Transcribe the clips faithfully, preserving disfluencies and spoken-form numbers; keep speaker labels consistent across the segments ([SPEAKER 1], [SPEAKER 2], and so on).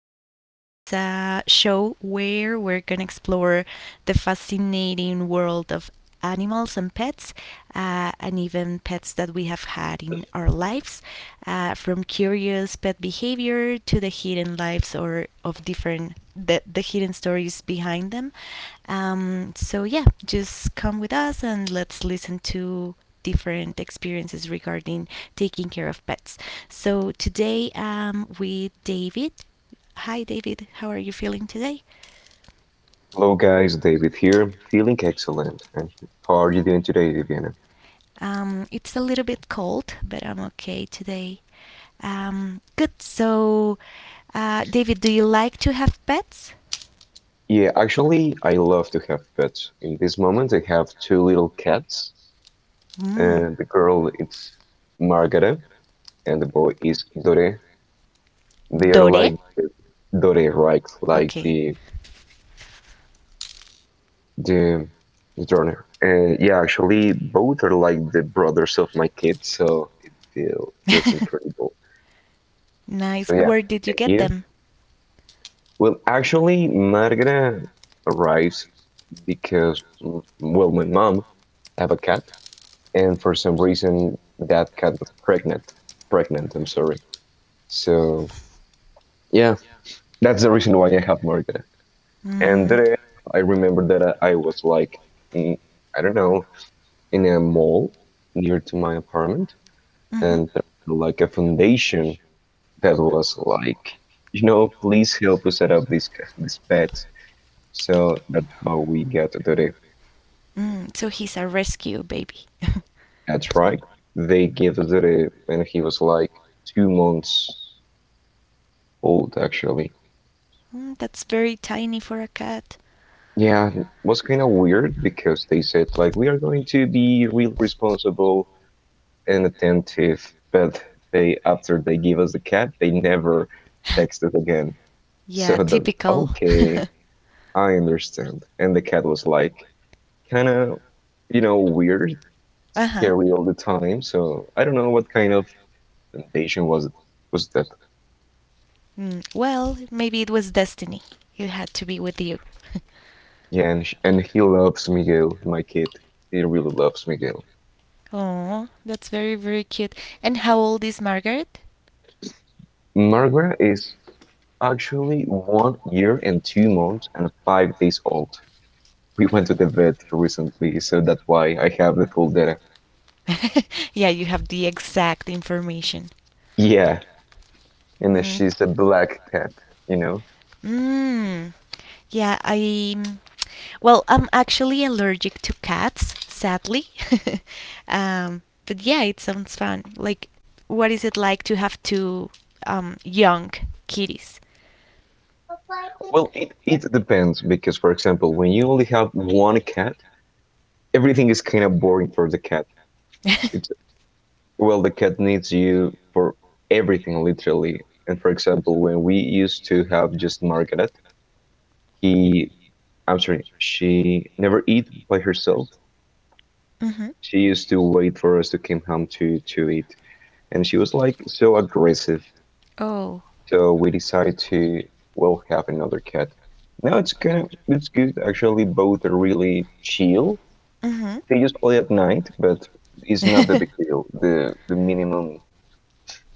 [SPEAKER 1] Um, this is a show where we're going to explore the fascinating world of animals and pets, uh, and even pets that we have had in our lives, uh, from curious pet behavior to the hidden lives or of different the, the hidden stories behind them. Um, so yeah, just come with us and let's listen to different experiences regarding taking care of pets. So today I'm with David. Hi, David. How are you feeling today?
[SPEAKER 2] Hello guys, David here, feeling excellent. And how are you doing today, Viviana?
[SPEAKER 1] Um, it's a little bit cold, but I'm okay today. Um, good. So, uh, David, do you like to have pets?
[SPEAKER 2] Yeah, actually, I love to have pets. In this moment, I have two little cats.
[SPEAKER 1] Mm.
[SPEAKER 2] And the girl is Margaret, and the boy is Dore. They are
[SPEAKER 1] Dore?
[SPEAKER 2] like Dore, right? Like
[SPEAKER 1] Okay.
[SPEAKER 2] the the the Turner. And yeah, actually, both are like the brothers of my kids, so it feel, feels incredible.
[SPEAKER 1] Nice.
[SPEAKER 2] So yeah,
[SPEAKER 1] Where did you
[SPEAKER 2] and
[SPEAKER 1] get
[SPEAKER 2] you?
[SPEAKER 1] them?
[SPEAKER 2] Well, actually, Margaret arrives because mm, well, my mom have a cat, and for some reason that cat was pregnant. Pregnant, I'm sorry. So yeah, that's the reason why I have Margaret. And
[SPEAKER 1] Mm,
[SPEAKER 2] then I remember that I, I was like, mm, I don't know, in a mall near to my apartment,
[SPEAKER 1] mhm.
[SPEAKER 2] and there was like a foundation that was like, you know, please help us set up these ca- these pets. So that's how we got to the.
[SPEAKER 1] Mm, so he's a rescue baby.
[SPEAKER 2] That's right. They gave us it when he was like two months old, actually.
[SPEAKER 1] Mm, that's very tiny for a cat.
[SPEAKER 2] Yeah, it was kind of weird because they said, like, we are going to be real responsible and attentive, but they, after they give us the cat, they never texted again.
[SPEAKER 1] Yeah,
[SPEAKER 2] So that,
[SPEAKER 1] typical.
[SPEAKER 2] okay, I understand. And the cat was like, kind of, you know, weird,
[SPEAKER 1] Uh huh.
[SPEAKER 2] scary all the time. So I don't know what kind of temptation was it, was that.
[SPEAKER 1] Mm, well, maybe it was destiny. It had to be with you.
[SPEAKER 2] Yeah, and, sh- and he loves Miguel, my kid. He really loves Miguel.
[SPEAKER 1] Oh, that's very, very cute. And how old is Margaret?
[SPEAKER 2] Margaret is actually one year and two months and five days old. We went to the vet recently, so that's why I have the full data.
[SPEAKER 1] Yeah, you have the exact information.
[SPEAKER 2] Yeah, and
[SPEAKER 1] Mm,
[SPEAKER 2] she's a black cat, you know?
[SPEAKER 1] Mm. Yeah, I. mm, Well, I'm actually allergic to cats, sadly. Um, but yeah, it sounds fun. Like, what is it like to have two um, young kitties?
[SPEAKER 2] Well, it, it depends because, for example, when you only have one cat, everything is kind of boring for the cat. It's Well, the cat needs you for everything, literally. And for example, when we used to have just Margaret, He, I'm sorry, she never eat by herself.
[SPEAKER 1] Mm-hmm.
[SPEAKER 2] She used to wait for us to come home to to eat, and she was like so aggressive.
[SPEAKER 1] Oh.
[SPEAKER 2] So we decided to well have another cat. Now it's kind of it's good actually. Both are really chill.
[SPEAKER 1] Mm-hmm.
[SPEAKER 2] They just play at night, but it's not the big deal. The the minimum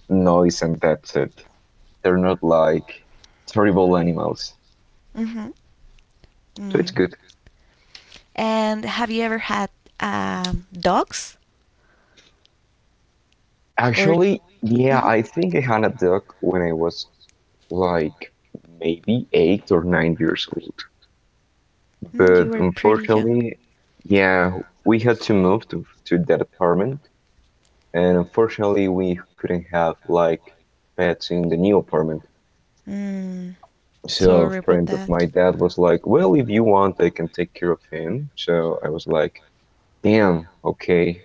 [SPEAKER 2] noise and that's it. They're not like
[SPEAKER 1] they
[SPEAKER 2] terrible animals.
[SPEAKER 1] mm-hmm.
[SPEAKER 2] So it's
[SPEAKER 1] Mm.
[SPEAKER 2] good.
[SPEAKER 1] And have you ever had um, dogs? Or
[SPEAKER 2] Actually, yeah,
[SPEAKER 1] mhm.
[SPEAKER 2] I think I had a dog when I was like maybe eight or nine years old.
[SPEAKER 1] Mm,
[SPEAKER 2] But
[SPEAKER 1] you were pretty young.
[SPEAKER 2] unfortunately, yeah, we had to move to, to that apartment, and unfortunately, we couldn't have like pets in the new apartment.
[SPEAKER 1] Mm,
[SPEAKER 2] So a
[SPEAKER 1] sorry about
[SPEAKER 2] friend of my
[SPEAKER 1] that.
[SPEAKER 2] dad was like, "Well, if you want, I can take care of him." So I was like, "Damn, okay,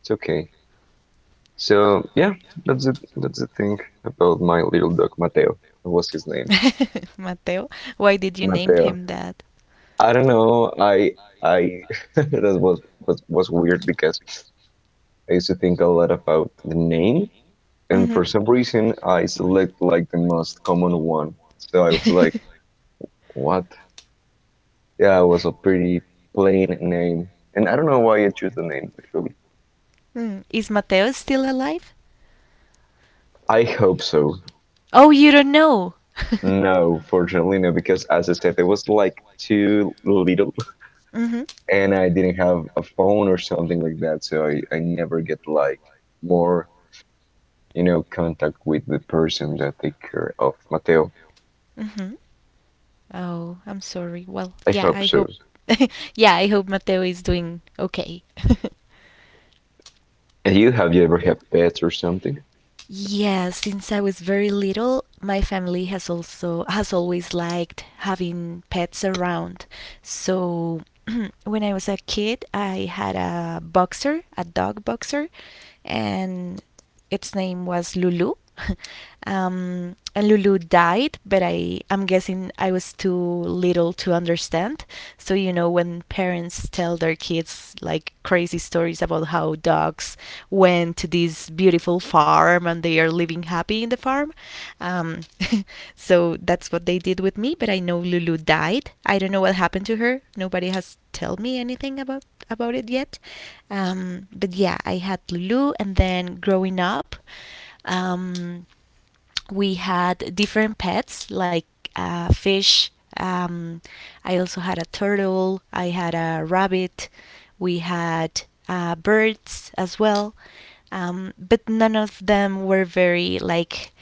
[SPEAKER 2] it's okay." So yeah, that's it. That's the thing about my little dog Mateo. What was his name?
[SPEAKER 1] Mateo, why did you name
[SPEAKER 2] Mateo.
[SPEAKER 1] him that?
[SPEAKER 2] I don't know. I I that was was was weird because I used to think a lot about the name, and
[SPEAKER 1] Mm-hmm.
[SPEAKER 2] for some reason I select like the most common one. So I was like, what? Yeah, it was a pretty plain name, and I don't know why I choose the name actually.
[SPEAKER 1] Is Mateo still alive?
[SPEAKER 2] I hope so.
[SPEAKER 1] Oh, you don't know.
[SPEAKER 2] No, fortunately no, because as I said, it was like too little,
[SPEAKER 1] Mm-hmm.
[SPEAKER 2] and I didn't have a phone or something like that, so I I never get like more you know, contact with the person that take care of Mateo.
[SPEAKER 1] Mm-hmm. Oh, I'm sorry. Well,
[SPEAKER 2] I
[SPEAKER 1] yeah,
[SPEAKER 2] hope
[SPEAKER 1] I hope.
[SPEAKER 2] so.
[SPEAKER 1] Yeah, I hope Mateo is doing okay.
[SPEAKER 2] And you, have you ever had pets or something?
[SPEAKER 1] Yeah, since I was very little, my family has also has always liked having pets around. So when I was a kid, I had a boxer, a dog boxer, and its name was Lulu. Um, and Lulu died, but I, I'm guessing I was too little to understand. So, you know, when parents tell their kids like crazy stories about how dogs went to this beautiful farm and they are living happy in the farm. Um, so that's what they did with me. But I know Lulu died. I don't know what happened to her. Nobody has told me anything about about it yet. Um, but yeah, I had Lulu, and then growing up. Um, we had different pets like uh, fish. Um, I also had a turtle. I had a rabbit. We had uh, birds as well. Um, but none of them were very like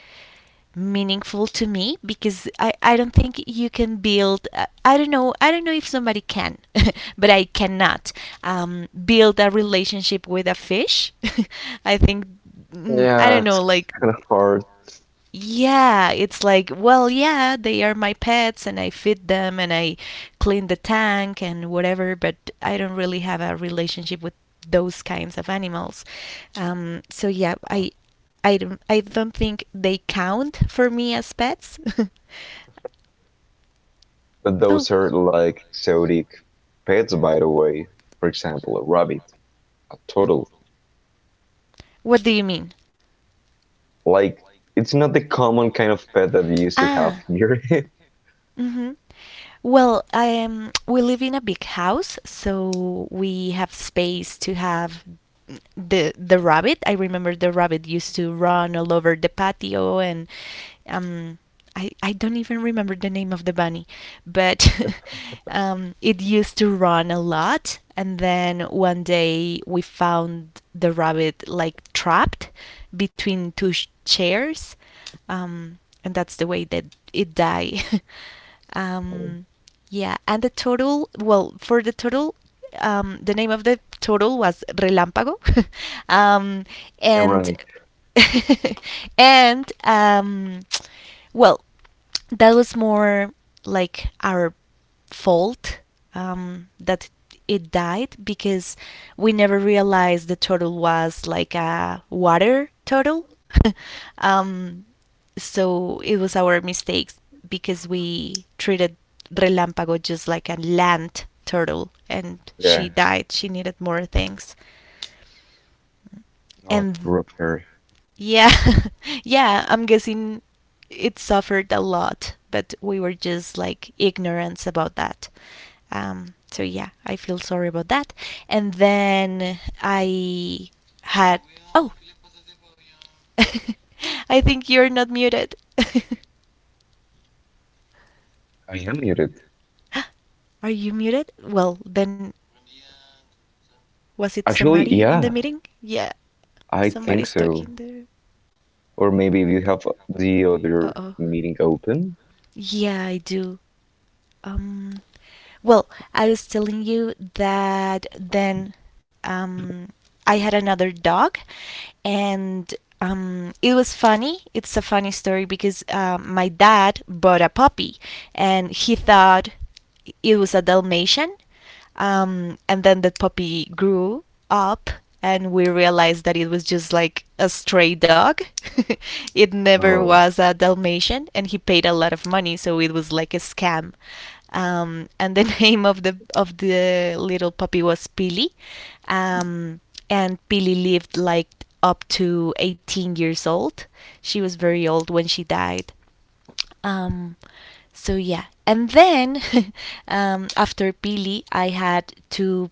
[SPEAKER 1] meaningful to me because I, I don't think you can build uh, I don't know I don't know if somebody can but I cannot um, build a relationship with a fish. I think mm, I
[SPEAKER 2] Yeah,
[SPEAKER 1] don't
[SPEAKER 2] it's
[SPEAKER 1] know like
[SPEAKER 2] kind of hard,
[SPEAKER 1] yeah, it's like, well, yeah, they are my pets and I feed them and I clean the tank and whatever, but I don't really have a relationship with those kinds of animals. Um, so yeah, I I don't I don't think they count for me as pets.
[SPEAKER 2] but
[SPEAKER 1] Oh,
[SPEAKER 2] those are like exotic pets, by the way. For example, a rabbit, a turtle.
[SPEAKER 1] what do you mean?
[SPEAKER 2] Like, it's not the common kind of pet that you used to have
[SPEAKER 1] Ah.
[SPEAKER 2] here.
[SPEAKER 1] Mm-hmm. Well, um, we live in a big house, so we have space to have the the rabbit. I remember the rabbit used to run all over the patio, and um, I I don't even remember the name of the bunny, but um, it used to run a lot. And then one day we found the rabbit like trapped between two sh- chairs um, and that's the way that it die.
[SPEAKER 2] Oh,
[SPEAKER 1] um, yeah, and the turtle. Well, for the turtle, um, the name of the turtle was Relámpago, um, and
[SPEAKER 2] ironic.
[SPEAKER 1] and um, well, that was more like our fault um, that it died because we never realized the turtle was like a water turtle. um, so it was our mistakes because we treated Relampago just like a land turtle and
[SPEAKER 2] Yeah,
[SPEAKER 1] she died. She needed more things.
[SPEAKER 2] no,
[SPEAKER 1] And
[SPEAKER 2] poor pair.
[SPEAKER 1] yeah, yeah, I'm guessing it suffered a lot, but we were just like ignorance about that. Um, so yeah, I feel sorry about that. And then I had oh, I think you're not muted.
[SPEAKER 2] I am muted.
[SPEAKER 1] Are you muted? Well, then was it
[SPEAKER 2] Actually,
[SPEAKER 1] somebody in the
[SPEAKER 2] yeah,
[SPEAKER 1] meeting? Yeah,
[SPEAKER 2] I think
[SPEAKER 1] somebody's
[SPEAKER 2] so.
[SPEAKER 1] talking there.
[SPEAKER 2] Or maybe if you have the
[SPEAKER 1] Uh
[SPEAKER 2] other
[SPEAKER 1] oh.
[SPEAKER 2] meeting open.
[SPEAKER 1] Yeah, I do. Um, well, I was telling you that then um, I had another dog, and um, it was funny. It's a funny story because um, my dad bought a puppy, and he thought it was a Dalmatian. Um, and then that puppy grew up, and we realized that it was just like a stray dog. It never
[SPEAKER 2] No.
[SPEAKER 1] was a Dalmatian, and he paid a lot of money, so it was like a scam. Um, and the name of the of the little puppy was Pili, um, and Pili lived like up to eighteen years old. She was very old when she died. Um, so yeah, and then um, after Billy, I had two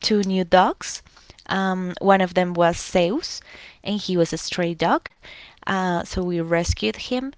[SPEAKER 1] two new dogs. Um, one of them was Zeus, and he was a stray dog. Uh, so we rescued him,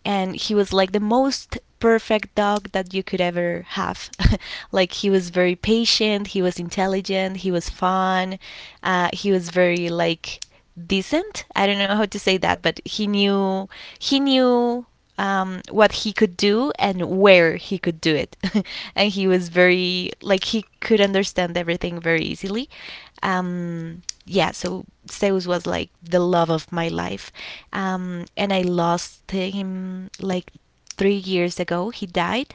[SPEAKER 1] and he was like the most perfect dog that you could ever have. Like he was very patient, he was intelligent, he was fun, uh, he was very like decent. I don't know how to say that, but he knew he knew um, what he could do and where he could do it. And he was very, like, he could understand everything very easily. Um, yeah, so Zeus was like the love of my life. Um, and I lost him like three years ago. He died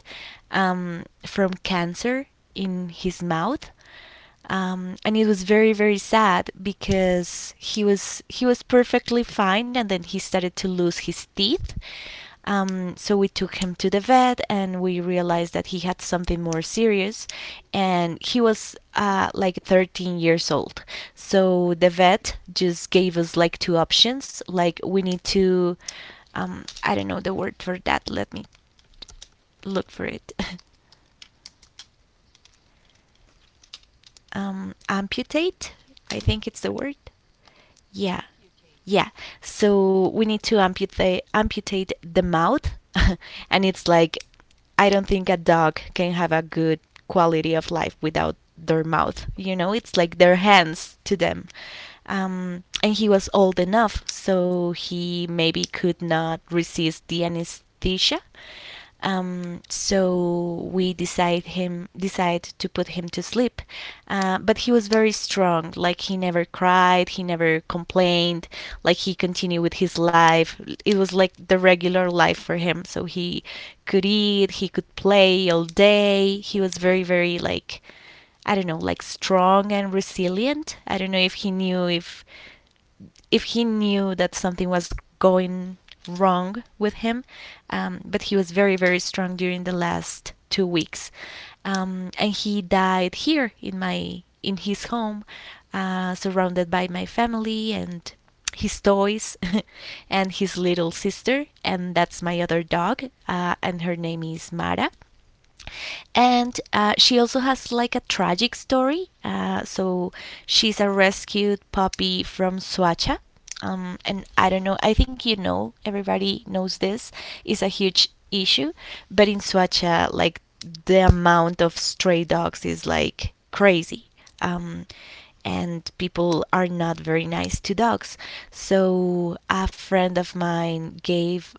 [SPEAKER 1] um, from cancer in his mouth. Um, and it was very very sad because he was he was perfectly fine and then he started to lose his teeth um, so we took him to the vet and we realized that he had something more serious and he was uh, like thirteen years old. So the vet just gave us like two options like we need to, um, I don't know the word for that, let me look for it. Um, amputate, I think it's the word. Yeah, yeah. So we need to amputate amputate the mouth, and it's like I don't think a dog can have a good quality of life without their mouth. You know, it's like their hands to them. Um, and he was old enough, so he maybe could not resist the anesthesia. Um, so we decide him decide to put him to sleep. Uh, but he was very strong. Like he never cried, he never complained. Like he continued with his life. It was like the regular life for him. So he could eat, he could play all day. He was very very like I don't know, like strong and resilient. I don't know if he knew if if he knew that something was going wrong with him, um, but he was very, very strong during the last two weeks. Um, and he died here in my in his home, uh, surrounded by my family and his toys and his little sister, and that's my other dog, uh, and her name is Mara and uh, she also has like a tragic story. Uh, so she's a rescued puppy from Suacha. Um, and I don't know, I think you know, everybody knows this is a huge issue. But in Suacha, like the amount of stray dogs is like crazy. Um, and people are not very nice to dogs. So a friend of mine gave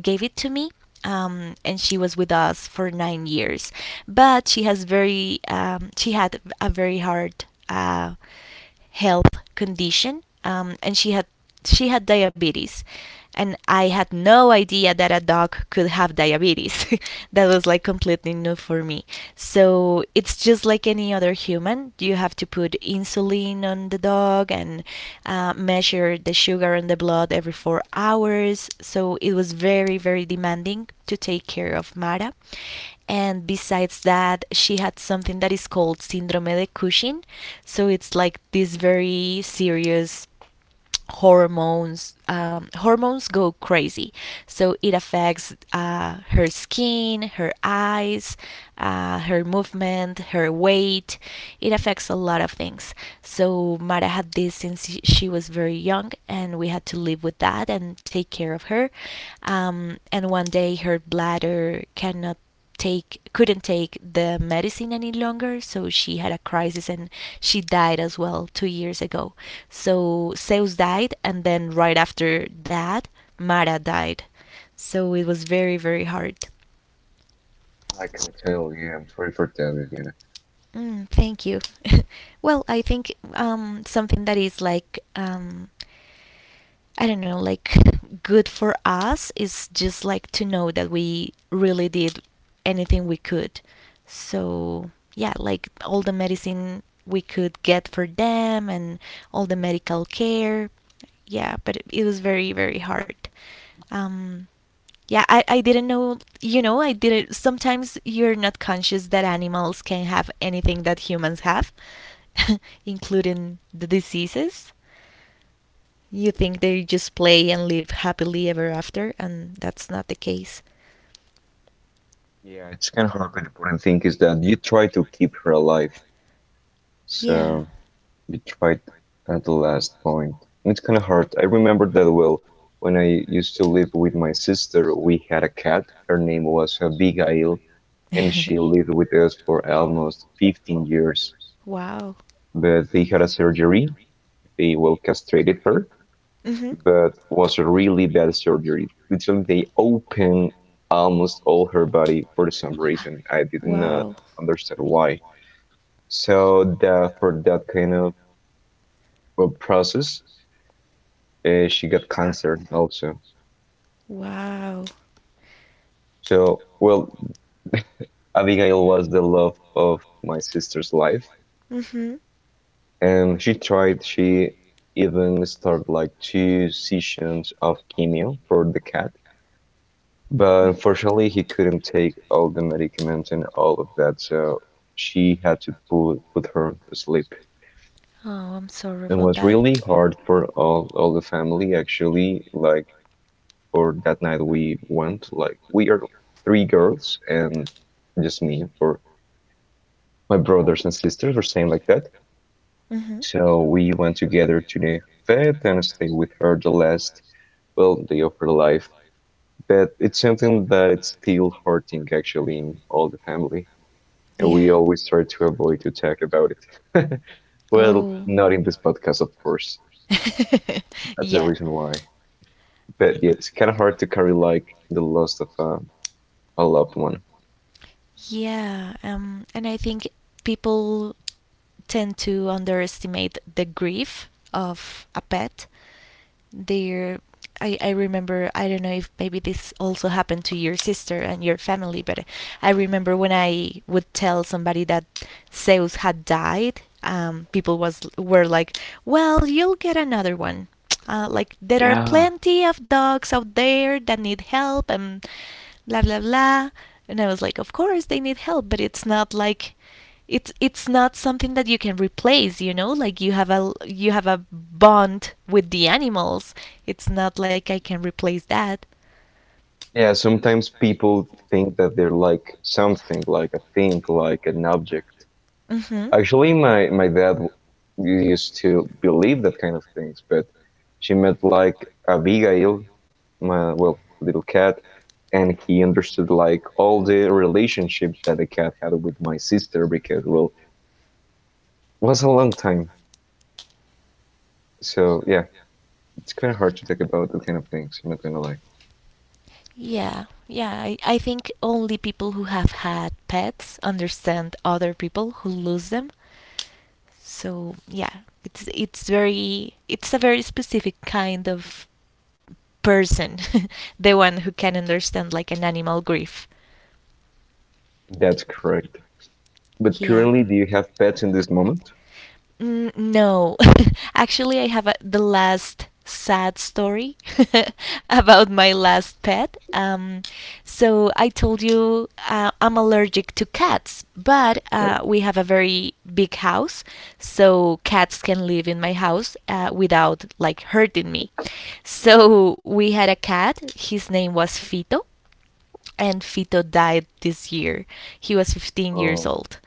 [SPEAKER 1] gave it to me. Um, and she was with us for nine years, but she has very um, she had a very hard uh, health condition, um, and she had she had diabetes, and I had no idea that a dog could have have diabetes. That was like completely new for me. So it's just like any other human. You have to put insulin on the dog and uh, measure the sugar in the blood every four hours. So it was very, very demanding to take care of Mara. And besides that, she had something that is called Syndrome de Cushing. So it's like this very serious hormones um, hormones go crazy, so it affects uh, her skin, her eyes, uh, her movement, her weight, it affects a lot of things. So Mara had this since she was very young and we had to live with that and take care of her, um, and one day her bladder cannot take couldn't take the medicine any longer, so she had a crisis and she died as well two years ago. So Zeus died and then right after that Mara died, so it was very very hard.
[SPEAKER 2] I can tell, yeah, I'm sorry for telling you.
[SPEAKER 1] Mm, thank you. Well, I think um, something that is like um, I don't know, like good for us is just like to know that we really did anything we could. So, yeah, like all the medicine we could get for them and all the medical care. Yeah, but it, it was very, very hard. Um, yeah, I, I didn't know, you know, I didn't. Sometimes you're not conscious that animals can have anything that humans have, including the diseases. You think they just play and live happily ever after, and that's not the case.
[SPEAKER 2] Yeah, it's kind of hard, but the important thing is that you try to keep her alive.
[SPEAKER 1] Yeah.
[SPEAKER 2] So you tried at the last point. It's kind of hard. I remember that well. When I used to live with my sister, we had a cat. Her name was uh, Abigail, and she lived with us for almost fifteen years.
[SPEAKER 1] Wow.
[SPEAKER 2] But they had a surgery. They well castrated her,
[SPEAKER 1] Mhm.
[SPEAKER 2] but was a really bad surgery. Literally, they opened almost all her body for some reason. I did not
[SPEAKER 1] Wow.
[SPEAKER 2] understand why. So that for that kind of uh, process, uh, she got cancer also.
[SPEAKER 1] Wow.
[SPEAKER 2] So well, Abigail was the love of my sister's life,
[SPEAKER 1] Mhm.
[SPEAKER 2] and she tried. She even started like two sessions of chemo for the cat. But unfortunately, he couldn't take all the medicaments and all of that, so she had to put put her asleep.
[SPEAKER 1] Oh, I'm sorry
[SPEAKER 2] It
[SPEAKER 1] about
[SPEAKER 2] was
[SPEAKER 1] that.
[SPEAKER 2] really hard for all all the family actually. Like for that night, we went like we are three girls and just me for my brothers and sisters were saying like that.
[SPEAKER 1] Mm-hmm.
[SPEAKER 2] So we went together to the vet and stayed with her the last well day of her life. But it's something that it's still hurting actually in all the family. And
[SPEAKER 1] Yeah.
[SPEAKER 2] we always try to avoid to talk about it. well,
[SPEAKER 1] Always,
[SPEAKER 2] not in this podcast, of course.
[SPEAKER 1] course.
[SPEAKER 2] That's the
[SPEAKER 1] Yeah.
[SPEAKER 2] reason why. But yeah, it's kind of hard to carry like the loss of um, a loved one.
[SPEAKER 1] Yeah. Um. And I think people tend to underestimate the grief of a pet. They're I, I remember, I don't know if maybe this also happened to your sister and your family, but I remember when I would tell somebody that Zeus had died, um, people was were like, "Well, you'll get another one." Uh, like there are plenty of dogs out there that need help and blah blah blah. And I was like, "Of course they need help, but it's not like it's it's not something that you can replace, you know like you have a, you have a bond with the animals. It's not like I can replace that."
[SPEAKER 2] Yeah, sometimes people think that they're like something, like a thing, like an object.
[SPEAKER 1] Hmm.
[SPEAKER 2] Actually, my my dad w-
[SPEAKER 1] Mom.
[SPEAKER 2] used to believe that kind of things, but she met like Abigail, my well little cat and he understood like all the relationship that the cat had with my sister because well it was a long time. So yeah, it's kind of hard to talk about that kind of things, I'm not gonna lie.
[SPEAKER 1] Yeah, yeah, I, I think only people who have had pets understand other people who lose them. So yeah, it's it's very it's a very specific kind of person, the one who can understand like an animal grief.
[SPEAKER 2] That's correct. But
[SPEAKER 1] Yeah.
[SPEAKER 2] currently, do you have pets in this moment?
[SPEAKER 1] Mm, no. Actually, I have a, the last sad story about my last pet. Um, so I told you uh, I'm allergic to cats, but
[SPEAKER 2] Right.
[SPEAKER 1] uh, we have a very big house, so cats can live in my house uh, without like hurting me. So we had a cat. His name was Fito and Fito died this year. He was fifteen years
[SPEAKER 2] um
[SPEAKER 1] old.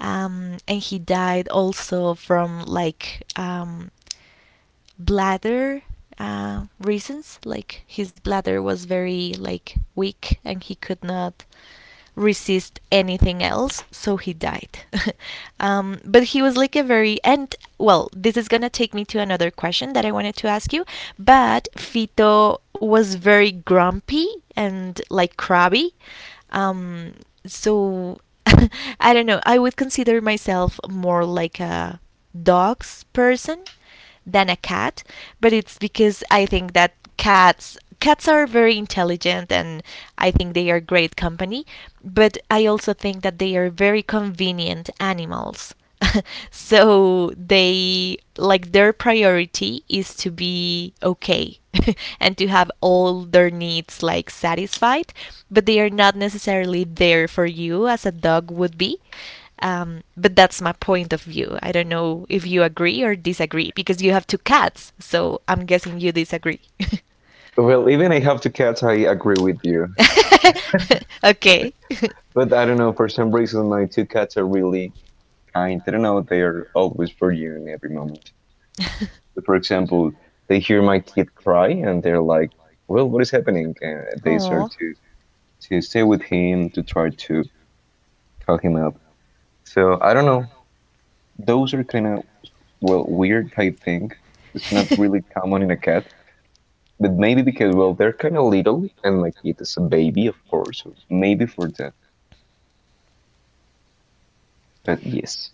[SPEAKER 1] Um, and he died also from like um, bladder uh, reasons, like his bladder was very like weak and he could not resist anything else, so he died. Um, but he was like a very, and well this is gonna take me to another question that I wanted to ask you, but Fito was very grumpy and like crabby. um, so I don't know, I would consider myself more like a dogs person than a cat, but it's because I think that cats cats are very intelligent and I think they are great company, but I also think that they are very convenient animals. So they like their priority is to be okay and to have all their needs like satisfied, but they are not necessarily there for you as a dog would be. Um, but that's my point of view. I don't know if you agree or disagree because you have two cats, so I'm guessing you disagree.
[SPEAKER 2] well, even I have two cats, I agree with you.
[SPEAKER 1] Okay.
[SPEAKER 2] But I don't know, for some reason my two cats are really kind. I don't know, they are always for you in every moment. So, for example, they hear my kid cry and they're like, "Well, what is happening?" And they
[SPEAKER 1] Oh.
[SPEAKER 2] start to to stay with him to try to talk him up. So I don't know. Those are kind of well weird, I think. It's not really common in a cat, but maybe because well they're kind of little and my kid is a baby, of course. So maybe for that. But yes,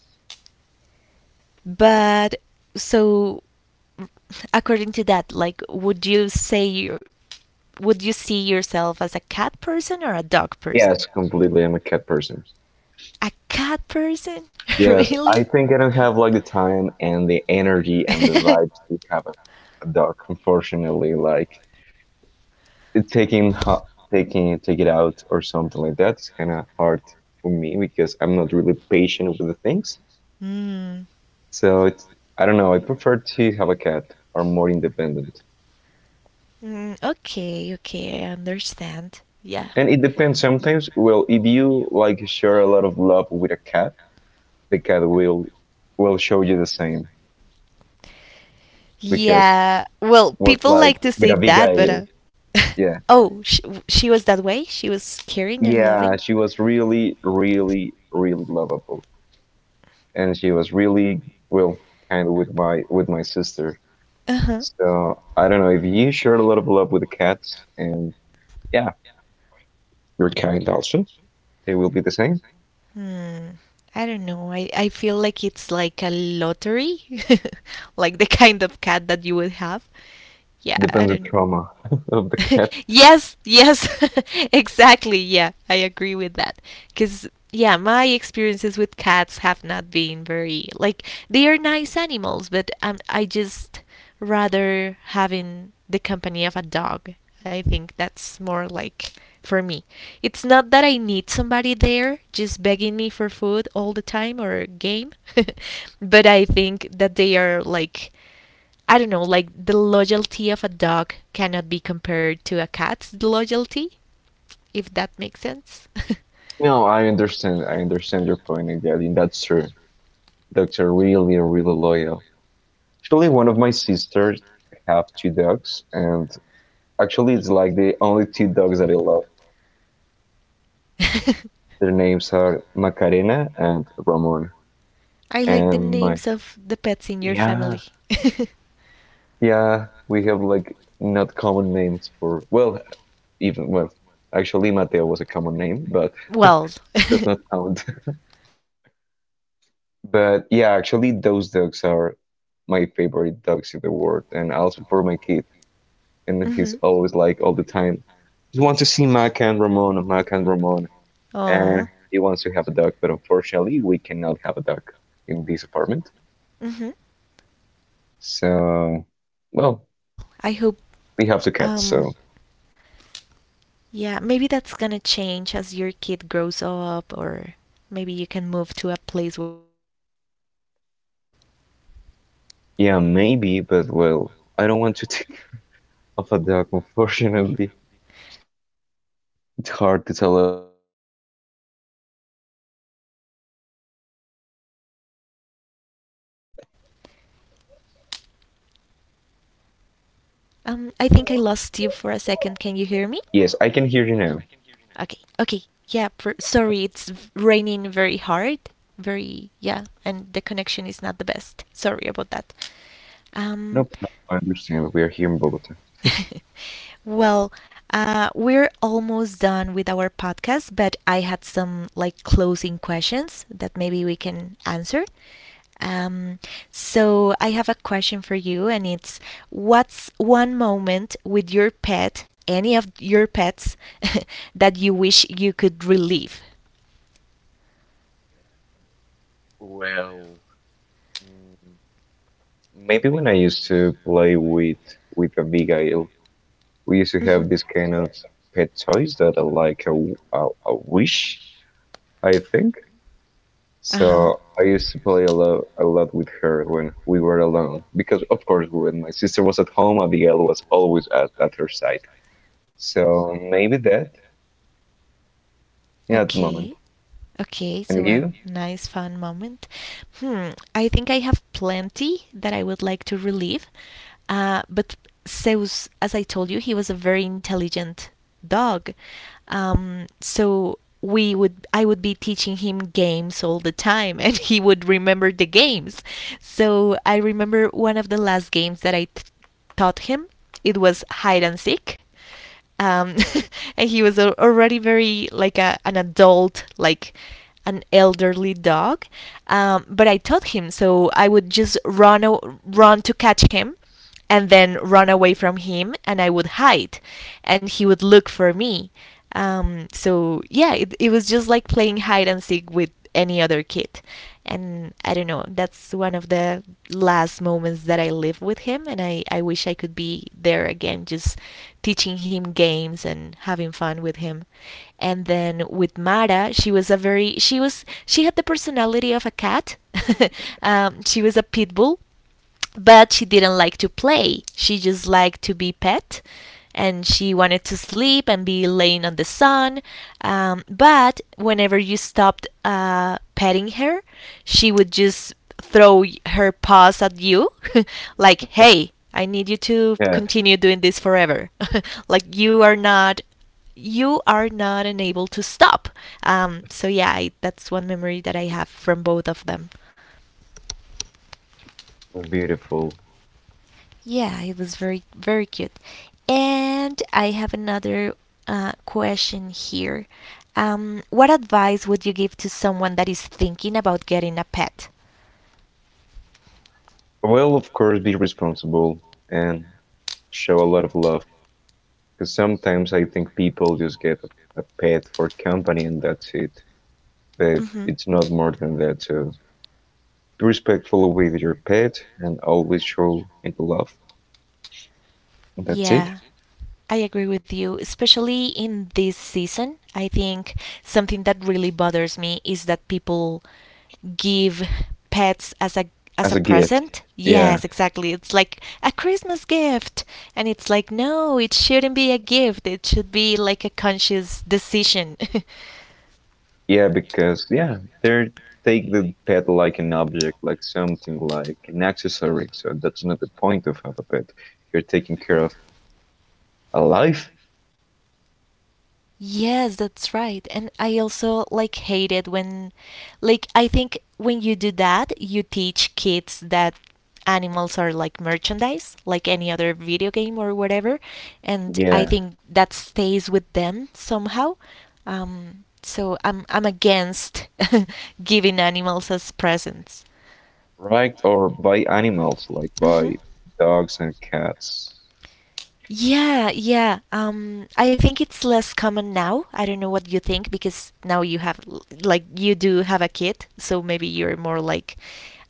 [SPEAKER 1] But so according to that, like would you say you would you see yourself as a cat person or a dog person?
[SPEAKER 2] yes, completely. I'm a cat person.
[SPEAKER 1] I'm a cat person. A cat person?
[SPEAKER 2] Yes,
[SPEAKER 1] Really?
[SPEAKER 2] I think I don't have like the time and the energy and the vibes to have a, a dog, unfortunately. Like taking taking take it out or something like that is kind of hard for me because I'm not really patient with the things.
[SPEAKER 1] Mm.
[SPEAKER 2] So it's I don't know. I prefer to have a cat or more independent.
[SPEAKER 1] Mm, okay, okay, I understand. Yeah.
[SPEAKER 2] And it depends sometimes. Well, if you like share a lot of love with a cat, the cat will will show you the same because
[SPEAKER 1] Yeah, well,
[SPEAKER 2] it was
[SPEAKER 1] people
[SPEAKER 2] like
[SPEAKER 1] like to
[SPEAKER 2] with
[SPEAKER 1] say that, but
[SPEAKER 2] Abigail.
[SPEAKER 1] uh,
[SPEAKER 2] Yeah.
[SPEAKER 1] Oh, she, she was that way? She was caring and
[SPEAKER 2] Yeah,
[SPEAKER 1] loving?
[SPEAKER 2] she was really, really, really lovable. And she was really well kind of with my with my sister.
[SPEAKER 1] Uh huh.
[SPEAKER 2] So I don't know if you share a lot of love with the cats and yeah, your are kind also, they will be the same.
[SPEAKER 1] Hmm. I don't know. I, I feel like it's like a lottery. Like the kind of cat that you would have. Yeah, I
[SPEAKER 2] Depends the
[SPEAKER 1] don't.
[SPEAKER 2] trauma of the cat.
[SPEAKER 1] Yes, yes, exactly. Yeah, I agree with that. Because, yeah, my experiences with cats have not been very, like, they are nice animals, but um, I just rather having the company of a dog. I think that's more like for me. It's not that I need somebody there just begging me for food all the time or game, but I think that they are like, I don't know, like the loyalty of a dog cannot be compared to a cat's loyalty, if that makes sense.
[SPEAKER 2] No, I understand. I understand your point, and yeah, I mean, that's true. Dogs are really, really loyal. Actually, one of my sisters have two dogs, and actually, it's like the only two dogs that I love. Their names are Macarena and Ramon.
[SPEAKER 1] I like the
[SPEAKER 2] And my
[SPEAKER 1] names of the pets in your
[SPEAKER 2] yeah,
[SPEAKER 1] family.
[SPEAKER 2] yeah, we have like not common names for well, even well actually Mateo was a common name, but
[SPEAKER 1] Well,
[SPEAKER 2] that's not count. But yeah, actually those dogs are my favorite dogs in the world and also for my kid. And he's
[SPEAKER 1] mm-hmm.
[SPEAKER 2] always like all the time, he wants to see Mac and Ramon, Mac and Ramon,
[SPEAKER 1] Aww.
[SPEAKER 2] and he wants to have a dog, but unfortunately we cannot have a dog in this apartment.
[SPEAKER 1] Mm-hmm.
[SPEAKER 2] So well,
[SPEAKER 1] Well, I hope
[SPEAKER 2] we have two cats,
[SPEAKER 1] um
[SPEAKER 2] so
[SPEAKER 1] yeah, maybe that's gonna change as your kid grows up or maybe you can move to a place where you can have more.
[SPEAKER 2] yeah, maybe, but well, I don't want to take off a dog, unfortunately.
[SPEAKER 1] Oh well, I forgot that
[SPEAKER 2] It's hard.
[SPEAKER 1] little
[SPEAKER 2] It's a
[SPEAKER 1] detail.
[SPEAKER 2] lot of
[SPEAKER 1] Yeah.
[SPEAKER 2] responsibility for ha- well having a dog.
[SPEAKER 1] Um, I think I lost you for a second. Can you hear me?
[SPEAKER 2] Yes, I can hear you now.
[SPEAKER 1] Okay. Okay. Yeah. Per- sorry, it's v- raining very hard. Very yeah, and the connection is not the best. Sorry about that.
[SPEAKER 2] No
[SPEAKER 1] Um,
[SPEAKER 2] problem. I understand. We are here in Bogota.
[SPEAKER 1] well, uh, we're almost done with our podcast, but I had some like closing questions that maybe we can answer. Um, so I have a question for you, and it's what's one moment with your pet, any of your pets, that you wish you could relive?
[SPEAKER 2] Well, mm, maybe when I used to play with with Abigail, we used to
[SPEAKER 1] Hmm.
[SPEAKER 2] have this kind of pet toys that are like a, a, a wish, I think.
[SPEAKER 1] Uh huh.
[SPEAKER 2] So I used to play a lot a lot with her when we were alone because of course when my sister was at home, Abigail was always at, at her side. So maybe that, yeah, at the moment.
[SPEAKER 1] Okay. Okay,
[SPEAKER 2] And
[SPEAKER 1] so a
[SPEAKER 2] you?
[SPEAKER 1] nice fun moment. Hmm, I think I have plenty that I would like to relive. Uh, but Zeus, as I told you, he was a very intelligent dog. Um, so we would I would be teaching him games all the time and he would remember the games. So I remember one of the last games that I t- taught him. It was hide and seek. Um, and he was already very like a, an adult, like an elderly dog. Um, but I taught him, so I would just run, o- run to catch him and then run away from him and I would hide and he would look for me, um, so yeah, it, it was just like playing hide and seek with any other kid. And I don't know, that's one of the last moments that I lived with him. And I, I wish I could be there again, just teaching him games and having fun with him. And then with Mara, she was a very, she was, she had the personality of a cat. Um, she was a pit bull. But she didn't like to play. She just liked to be pet and she wanted to sleep and be laying on the sun. Um, but whenever you stopped uh, petting her, she would just throw her paws at you, like, hey, I need you to
[SPEAKER 2] Yeah,
[SPEAKER 1] continue doing this forever. Like, you are not. You are not unable to stop. Um, so yeah, I, that's one memory that I have from both of them.
[SPEAKER 2] beautiful.
[SPEAKER 1] Yeah, it was very, very cute. And I have another uh, question here. Um, what advice would you give to someone that is thinking about getting a pet?
[SPEAKER 2] Well, of course, be responsible and show a lot of love. Because sometimes I think people just get a, a pet for company and that's it. But
[SPEAKER 1] Hmm.
[SPEAKER 2] it's not more than that. So be respectful with your pet and always show it love. And that's it.
[SPEAKER 1] Yeah. I agree with you, especially in this season. I think something that really bothers me is that people give pets as a as
[SPEAKER 2] As
[SPEAKER 1] a
[SPEAKER 2] a gift.
[SPEAKER 1] present.
[SPEAKER 2] Yeah.
[SPEAKER 1] Yes, exactly. It's like a Christmas gift. And it's like, no, it shouldn't be a gift. It should be like a conscious decision.
[SPEAKER 2] Yeah, because, yeah, they're take the pet like an object, like something like an accessory. So that's not the point of have a pet. You're taking care of a life.
[SPEAKER 1] Yes, that's right. And I also like hate it when like I think when you do that, you teach kids that animals are like merchandise, like any other video game or whatever, and I
[SPEAKER 2] Yeah,
[SPEAKER 1] think that stays with them somehow. Um, so I'm I'm against giving animals as presents.
[SPEAKER 2] right. Or by animals, like
[SPEAKER 1] Hmm.
[SPEAKER 2] by dogs and cats.
[SPEAKER 1] Yeah, yeah. Um, I think it's less common now. I don't know what you think because now you have, l- like, you do have a kid, so maybe you're more like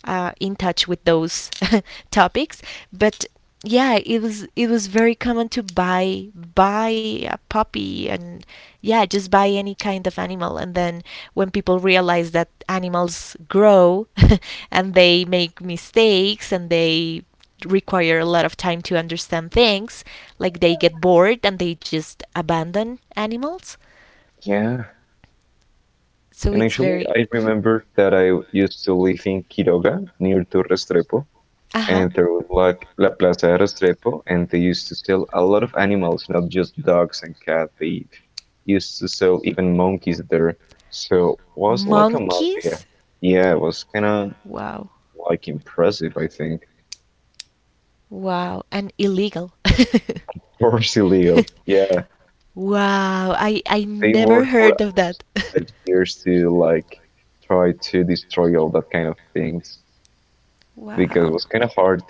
[SPEAKER 1] uh, in touch with those topics. But yeah, it was it was very common to buy buy a puppy and yeah, just buy any kind of animal. And then when people realize that animals grow and they make mistakes and they require a lot of time to understand things, like they get bored and they just abandon animals.
[SPEAKER 2] Yeah.
[SPEAKER 1] So
[SPEAKER 2] And
[SPEAKER 1] it's very.
[SPEAKER 2] actually, I
[SPEAKER 1] Mhm.
[SPEAKER 2] remember that I used to live in Quiroga, near to Restrepo,
[SPEAKER 1] Uh huh.
[SPEAKER 2] and there was like La Plaza de Restrepo, and they used to sell a lot of animals, not just dogs and cats. They used to sell even monkeys there. So was like a
[SPEAKER 1] Monkeys?
[SPEAKER 2] mafia. Yeah, it was kind of
[SPEAKER 1] Wow.
[SPEAKER 2] like impressive, I think.
[SPEAKER 1] Wow, and illegal.
[SPEAKER 2] Or illegal. Yeah,
[SPEAKER 1] Wow, I I
[SPEAKER 2] they
[SPEAKER 1] never
[SPEAKER 2] worked for
[SPEAKER 1] heard of that.
[SPEAKER 2] years to like try to destroy all that kind of things because it
[SPEAKER 1] Wow.
[SPEAKER 2] was kind of hard.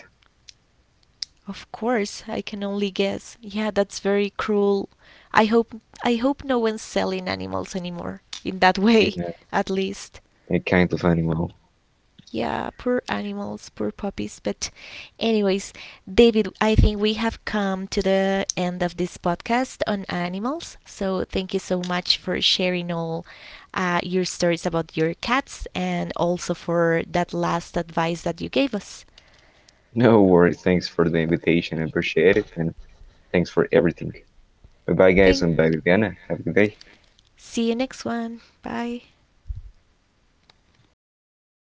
[SPEAKER 1] Of course, I can only guess. Yeah, that's very cruel. I hope I hope no one's selling animals anymore in that
[SPEAKER 2] Yeah,
[SPEAKER 1] way, at least.
[SPEAKER 2] a kind of animal.
[SPEAKER 1] Yeah, poor animals, poor puppies, but anyways, David, I think we have come to the end of this podcast on animals, so thank you so much for sharing all uh, your stories about your cats and also for that last advice that you gave us.
[SPEAKER 2] No worries. Thanks for the invitation. I appreciate it. And thanks for everything. Bye bye, guys.
[SPEAKER 1] Thank
[SPEAKER 2] And bye, Viviana. Have a good day.
[SPEAKER 1] see you next one, bye.